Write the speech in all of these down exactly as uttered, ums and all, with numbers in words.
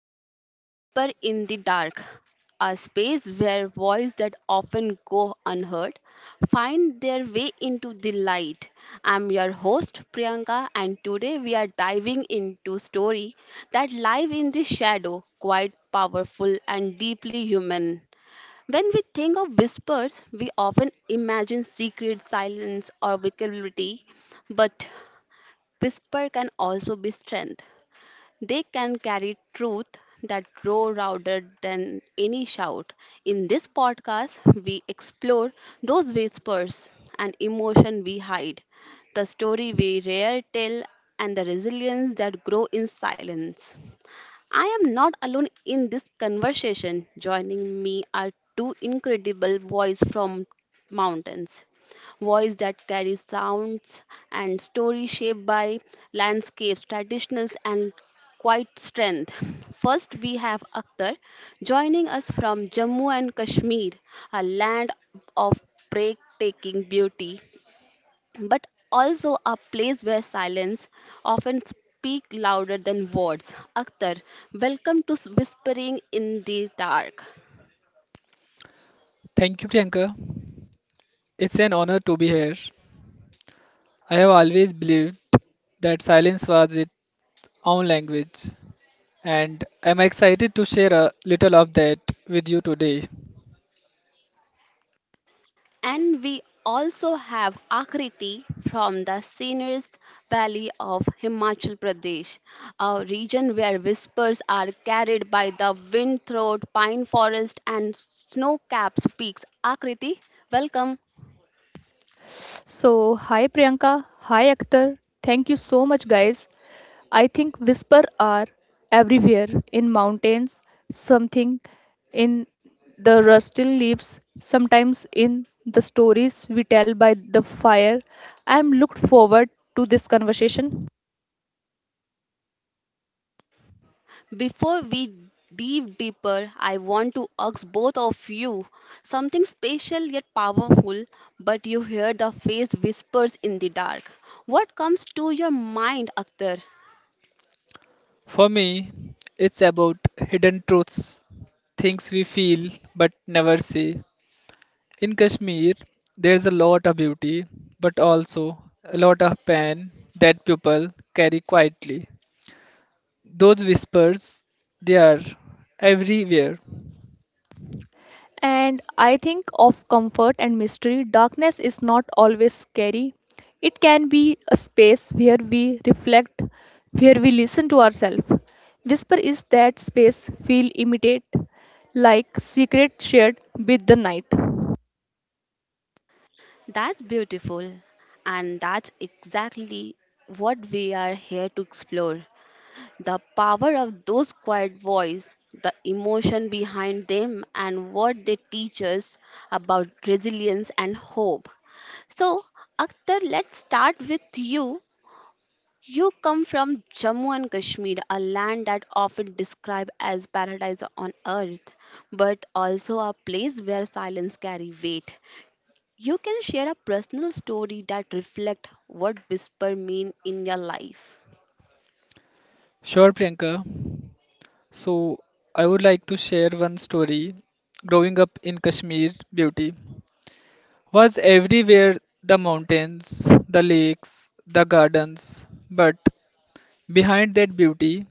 Welcome to Whisper in the Dark, a space where voices that often go unheard find their way into the light. I'm your host Priyanka and today we are diving into story that live in the shadow, quite powerful and deeply human. When we think of whispers, we often imagine secret silence or vulnerability, but whisper can also be strength they can carry truth that grow louder than any shout. In this podcast, we explore those whispers and emotion we hide, the story we rare tell, and the resilience that grow in silence. I am not alone in this conversation. Joining me are two incredible voices from mountains. Voice that carry sounds and stories shaped by landscapes, traditionals and quite strength. First we have Akhtar joining us from Jammu and Kashmir, a land of breathtaking beauty but also a place where silence often speak louder than words. Akhtar, welcome to Whispering in the Dark. Thank you, Priyanka. It's an honor to be here. I have always believed that silence was its own language, and I'm excited to share a little of that with you today. And we also have Akriti from the Seniors Valley of Himachal Pradesh, a region where whispers are carried by the wind through pine forest and snow capped peaks. Akriti, welcome. So, hi Priyanka, hi Akhtar. Thank you so much, guys. I think whisper are everywhere in mountains, something in the rustle leaves, sometimes in the stories we tell by the fire. I am looked forward to this conversation. Before we dive deeper, I want to ask both of you something special yet powerful, but you hear the face whispers in the dark. What comes to your mind, Akhtar? For me, it's about hidden truths, things we feel but never say. In Kashmir, there's a lot of beauty, but also a lot of pain that people carry quietly. Those whispers, they are everywhere. And I think of comfort and mystery, darkness is not always scary. It can be a space where we reflect, where we listen to ourselves. Whisper is that space feel imitate, like secret shared with the night. That's beautiful, and that's exactly what we are here to explore. The power of those quiet voices, the emotion behind them, and what they teach us about resilience and hope. So, Akhtar, let's start with you. You come from Jammu and Kashmir, a land that often described as paradise on earth, but also a place where silence carry weight. You can share a personal story that reflect what whisper mean in your life. Sure, Priyanka. So, I would like to share one story. Growing up in Kashmir, beauty was everywhere: the mountains, the lakes, the gardens. But behind that beauty,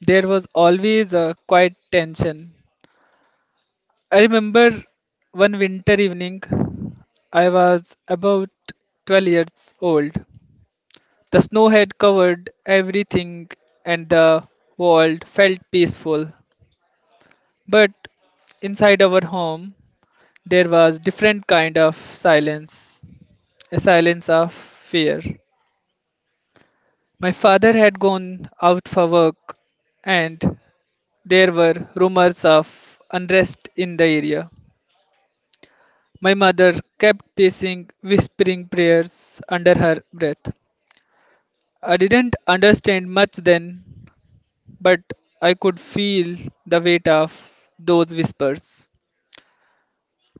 there was always a quiet tension. I remember one winter evening, I was about twelve years old. The snow had covered everything, and the world felt peaceful. But inside our home, there was different kind of silence, a silence of fear. My father had gone out for work, and there were rumors of unrest in the area. My mother kept pacing, whispering prayers under her breath. I didn't understand much then, but I could feel the weight of those whispers.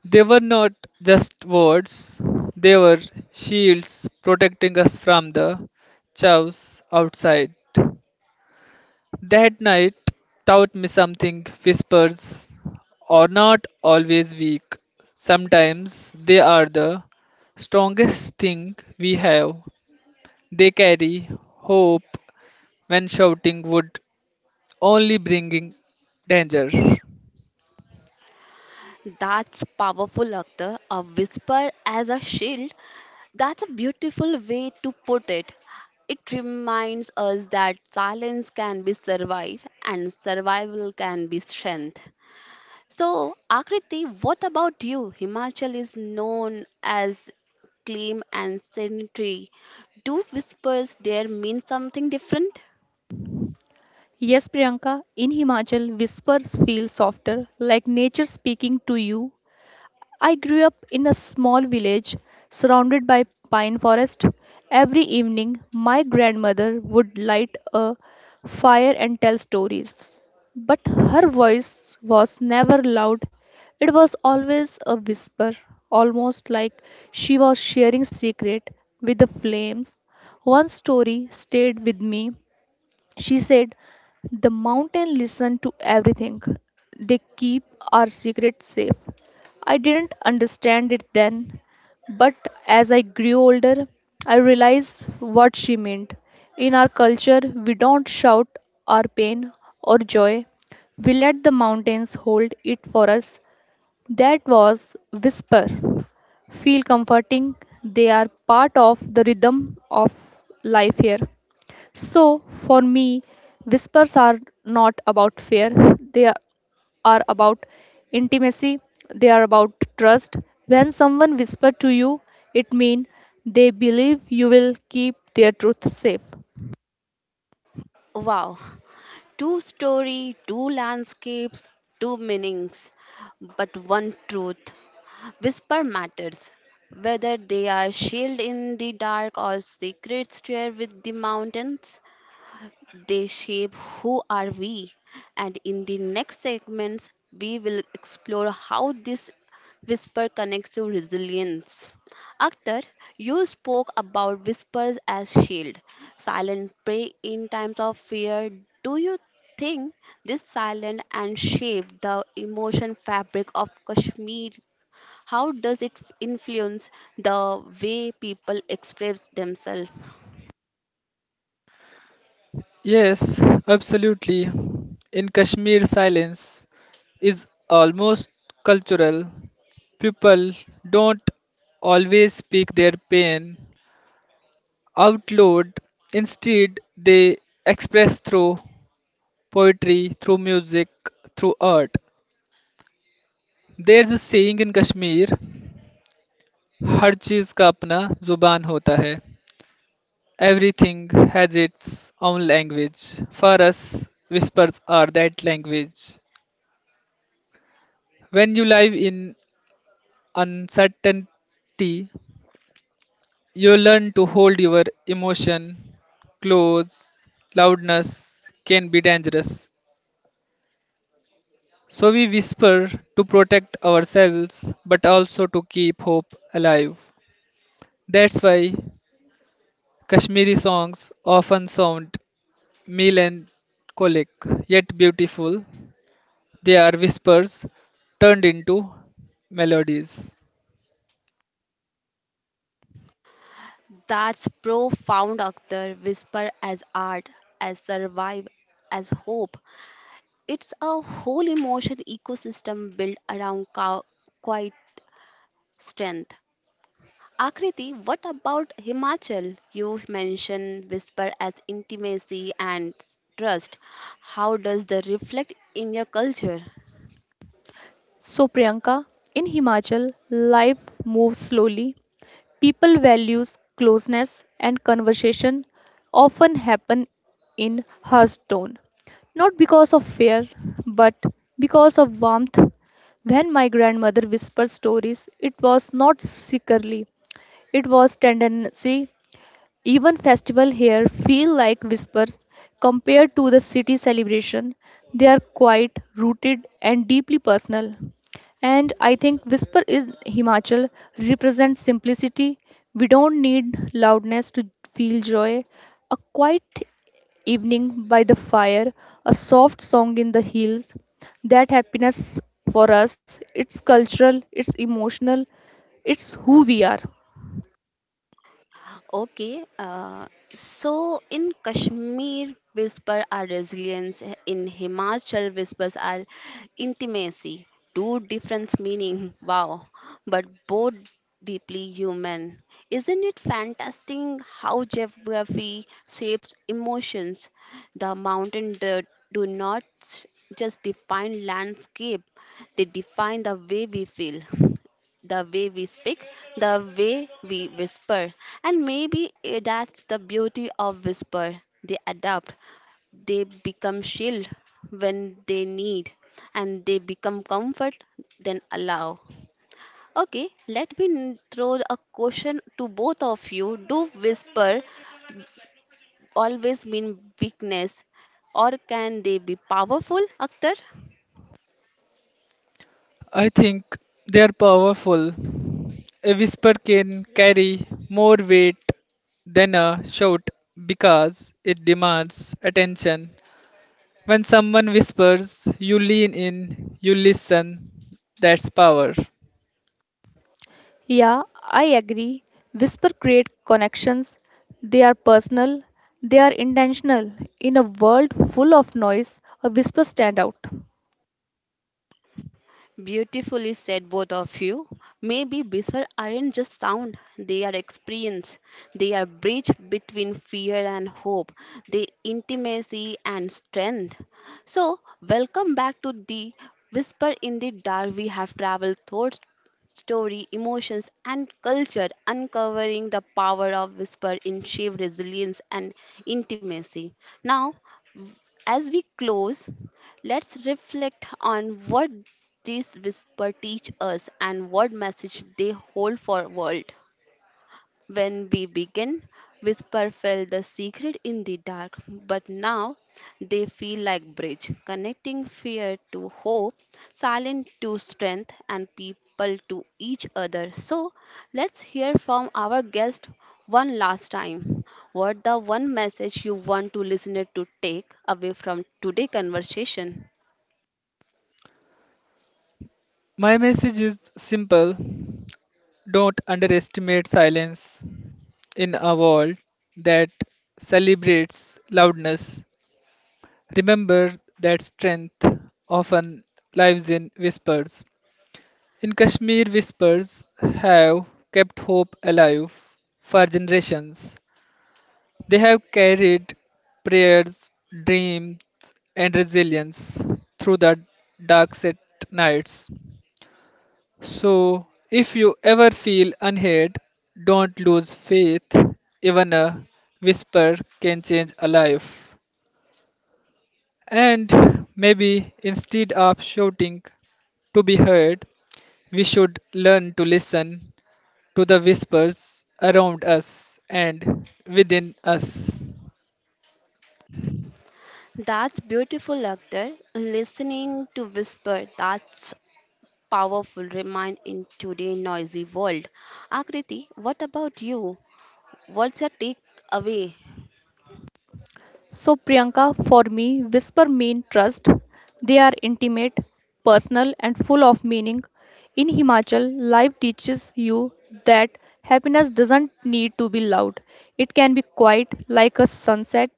They were not just words, they were shields protecting us from the chaos outside. That night taught me something: whispers are not always weak. Sometimes they are the strongest thing we have. They carry hope when shouting would only bringing danger. That's powerful, Akhtar. A whisper as a shield. That's a beautiful way to put it. It reminds us that silence can be survive and survival can be strength. So, Akriti, what about you? Himachal is known as claim and sanitary. Do whispers there mean something different? Yes, Priyanka, in Himachal, whispers feel softer, like nature speaking to you. I grew up in a small village surrounded by pine forest. Every evening, my grandmother would light a fire and tell stories. But her voice was never loud, it was always a whisper, almost like she was sharing secret with the flames. One story stayed with me, she said, the mountain listened to everything. They keep our secrets safe. I didn't understand it then, but as I grew older, I realized what she meant. In our culture, we don't shout our pain or joy, we let the mountains hold it for us. That was whisper. Feel comforting, they are part of the rhythm of life here. So, for me, whispers are not about fear, they are are about intimacy, they are about trust. When someone whispers to you, it means they believe you will keep their truth safe. Wow, two story, two landscapes, two meanings, but one truth. Whisper matters, whether they are sealed in the dark or secret share with the mountains. They shape who are we. And in the next segments, we will explore how this whisper connects to resilience. Akhtar, you spoke about whispers as shield, silent prey in times of fear. Do you think this silent and shape the emotion fabric of Kashmir? How does it influence the way people express themselves? Yes, absolutely. In Kashmir, silence is almost cultural. People don't always speak their pain out loud. Instead, they express through poetry, through music, through art. There's a saying in Kashmir, हर चीज़ का अपना जुबान होता है. Everything has its own language. For us, whispers are that language. When you live in uncertainty, you learn to hold your emotion. Close loudness can be dangerous. So we whisper to protect ourselves but also to keep hope alive. That's why Kashmiri songs often sound melancholic yet beautiful. They are whispers turned into melodies. That's profound, Akhtar. Whisper as art, as survive, as hope. It's a whole emotion ecosystem built around cow- quiet strength. Akriti, what about Himachal? You mentioned whisper as intimacy and trust. How does the reflect in your culture? So, Priyanka, in Himachal, life moves slowly. People values closeness and conversation often happen in hushed tone, not because of fear, but because of warmth. When my grandmother whispered stories, it was not secretly; it was tendency even festival here feel like whispers compared to the city celebration. They are quiet, rooted and deeply personal. And I think whisper in Himachal represents simplicity. We don't need loudness to feel joy. A quiet evening by the fire, a soft song in the hills. That happiness for us, it's cultural, it's emotional, it's who we are. Okay, uh, so in Kashmir, whisper are resilience. In Himachal, whispers are intimacy. Two different meaning. Wow, but both deeply human. Isn't it fantastic how geography shapes emotions? The mountain dirt do not s- just define landscape; they define the way we feel the way we speak, the way we whisper. And maybe eh, that's the beauty of whisper. They adapt, they become shield when they need, and they become comfort then allow. Okay, let me n- throw a question to both of you. Do whisper always mean weakness or can they be powerful, Akhtar? I think they are powerful. A whisper can carry more weight than a shout because it demands attention. When someone whispers, you lean in, you listen. That's power. Yeah, I agree. Whisper create connections. They are personal, they are intentional. In a world full of noise, a whisper stand out. Beautifully said, both of you. Maybe whisper aren't just sound, they are experience. They are bridge between fear and hope, they intimacy and strength. So, welcome back to the Whisper in the Dark. We have traveled thoughts, story, emotions, and culture, uncovering the power of whisper in shape resilience and intimacy. Now, as we close, let's reflect on what these whispers teach us and what message they hold for world. When we began, Whisper felt the secret in the dark, but now they feel like bridge, connecting fear to hope, silence to strength, and people to each other. So let's hear from our guest one last time. What the one message you want to listener to take away from today conversation? My message is simple: don't underestimate silence in a world that celebrates loudness. Remember that strength often lives in whispers. In Kashmir, whispers have kept hope alive for generations. They have carried prayers, dreams, and resilience through the darkest nights. So, if you ever feel unheard, don't lose faith. Even a whisper can change a life. And maybe instead of shouting to be heard, we should learn to listen to the whispers around us and within us. That's beautiful, Akhtar. Listening to whisper, that's powerful remind in today's noisy world. Akriti, what about you? What's your take away? So, Priyanka, for me, whisper mean trust. They are intimate, personal, and full of meaning. In Himachal, life teaches you that happiness doesn't need to be loud. It can be quiet, like a sunset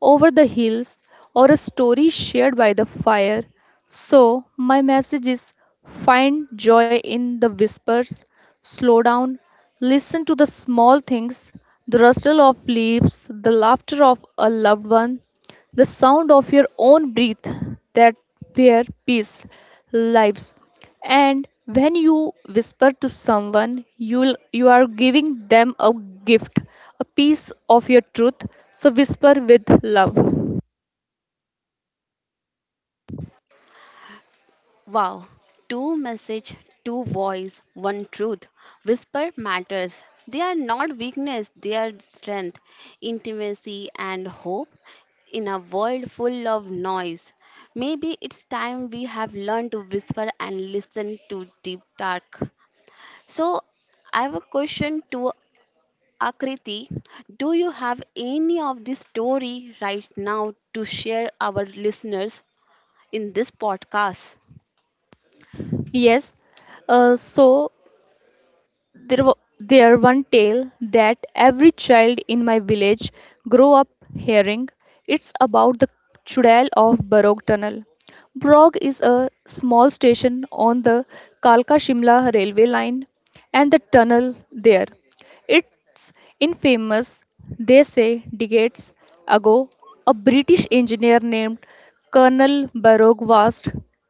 over the hills or a story shared by the fire. So, my message is find joy in the whispers. Slow down, listen to the small things, the rustle of leaves, the laughter of a loved one, the sound of your own breath. That where peace lives. And when you whisper to someone, you you are giving them a gift, a piece of your truth. So whisper with love. Wow, two message, two voice, one truth. Whisper matters. They are not weakness, they are strength, intimacy, and hope in a world full of noise. Maybe it's time we have learned to whisper and listen to deep dark. So I have a question to Akriti, do you have any of this story right now to share our listeners in this podcast? Yes. Uh, so There, wa- there one tale that every child in my village grew up hearing. It's about the Chudal of Barog Tunnel. Brog is a small station on the Kalka Shimla railway line and the tunnel there. It it's infamous. They say decades ago, a British engineer named Colonel Baroque was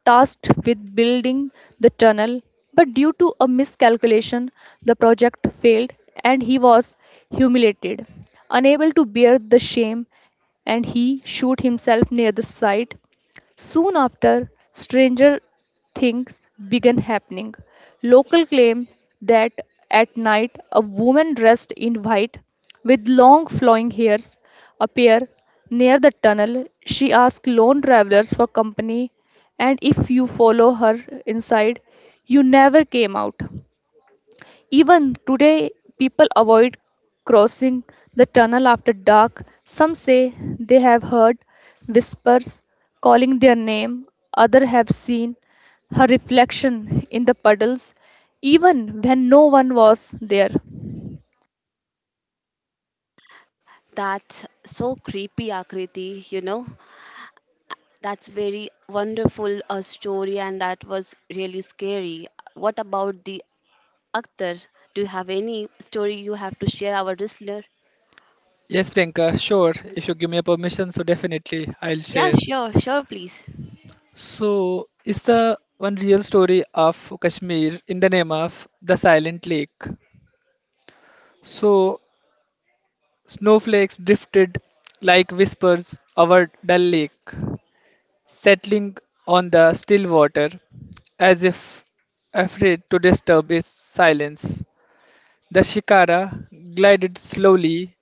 tasked with building the tunnel, but due to a miscalculation, the project failed and he was humiliated. Unable to bear the shame, and he shot himself near the site. Soon after, stranger things began happening. Local claim that at night a woman dressed in white with long flowing hairs appear near the tunnel. She asks lone travelers for company, and if you follow her inside, you never came out. Even today, people avoid crossing the tunnel after dark. Some say they have heard whispers calling their name, others have seen her reflection in the puddles, even when no one was there. That's so creepy, Akriti, you know. That's very wonderful uh, story and that was really scary. What about the Akhtar? Do you have any story you have to share our listener? Yes, Priyanka, sure. If you give me a permission, so definitely I'll Yeah, share. sure, sure, please. So, is the one real story of Kashmir in the name of the Silent Lake. So, snowflakes drifted like whispers over the lake, settling on the still water as if afraid to disturb its silence. The shikara glided slowly,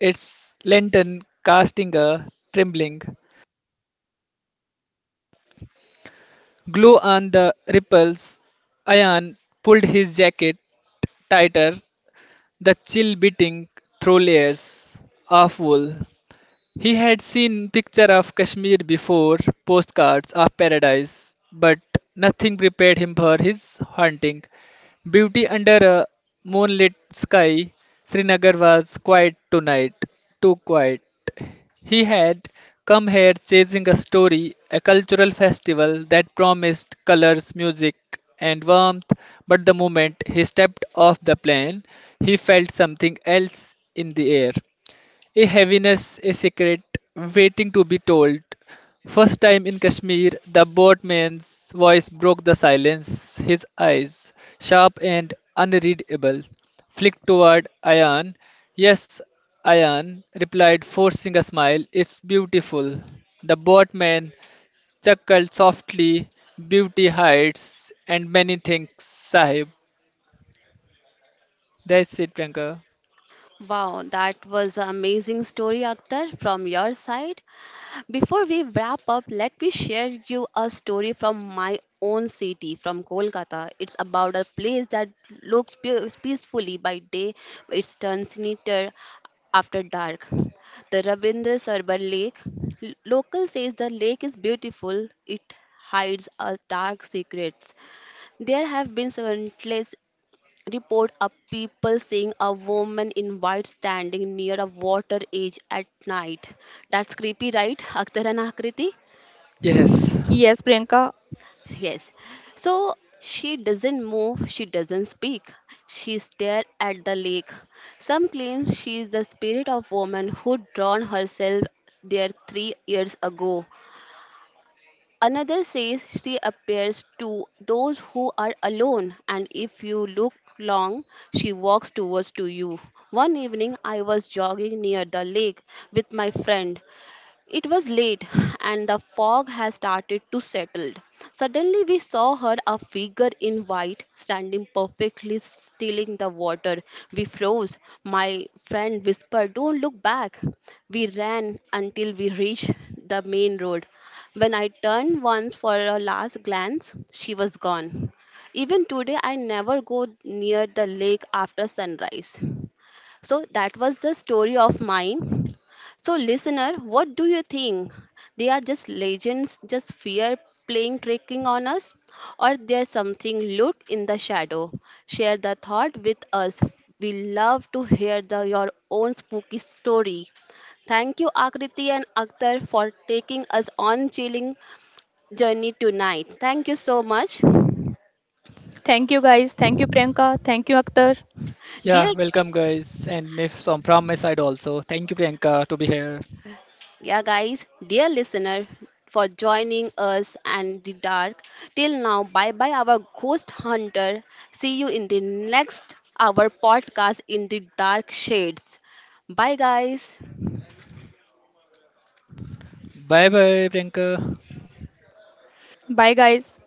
its lantern casting a trembling glow on the ripples. Ayan pulled his jacket tighter, the chill beating through layers of wool. He had seen picture of Kashmir before, postcards of paradise, but nothing prepared him for his haunting beauty under a moonlit sky. Srinagar was quiet tonight, too quiet. He had come here chasing a story, a cultural festival that promised colors, music, and warmth, but the moment he stepped off the plane, he felt something else in the air. A heaviness, a secret, waiting to be told. "First time in Kashmir?" the boatman's voice broke the silence. His eyes, sharp and unreadable, flicked toward Ayan. "Yes," Ayan replied, forcing a smile. "It's beautiful." The boatman chuckled softly. "Beauty hides and many things, Sahib." That's it, Priyanka. Wow, that was an amazing story, Akhtar, from your side. Before we wrap up, let me share you a story from my own city, from Kolkata. It's about a place that looks pe- peacefully by day, but it turns sinister after dark. The Rabindra Sarbar Lake. L- Local says the lake is beautiful. It hides our dark secrets. There have been countless report of people seeing a woman in white standing near a water edge at night. That's creepy, right? Akhtar and Akriti? Yes. Yes, Priyanka. Yes. So she doesn't move, she doesn't speak. She stares at the lake. Some claim she is the spirit of woman who drowned herself there three years ago. Another says she appears to those who are alone, and if you look long, she walks towards to you. One evening, I was jogging near the lake with my friend. It was late and the fog had started to settle. Suddenly we saw her a figure in white standing perfectly still in the water. We froze. My friend whispered, "Don't look back." We ran until we reached the main road. When I turned once for a last glance, she was gone. Even today I never go near the lake after sunrise. So that was the story of mine. So, listener, what do you think? They are just legends, just fear playing tricking on us, or there's something looked in the shadow? Share the thought with us. We love to hear the, your own spooky story. Thank you, Akriti and Akhtar, for taking us on chilling journey tonight. Thank you so much, Thank you, guys. Thank you, Priyanka. Thank you, Akhtar. dear Yeah, welcome guys, and me from from my side also. Thank you, Priyanka, to be here. Yeah, guys, dear listener, for joining us and the dark. Till now, bye bye, our ghost hunter. See you in the next our podcast in the dark shades. Bye, guys. Bye bye, Priyanka. Bye, guys.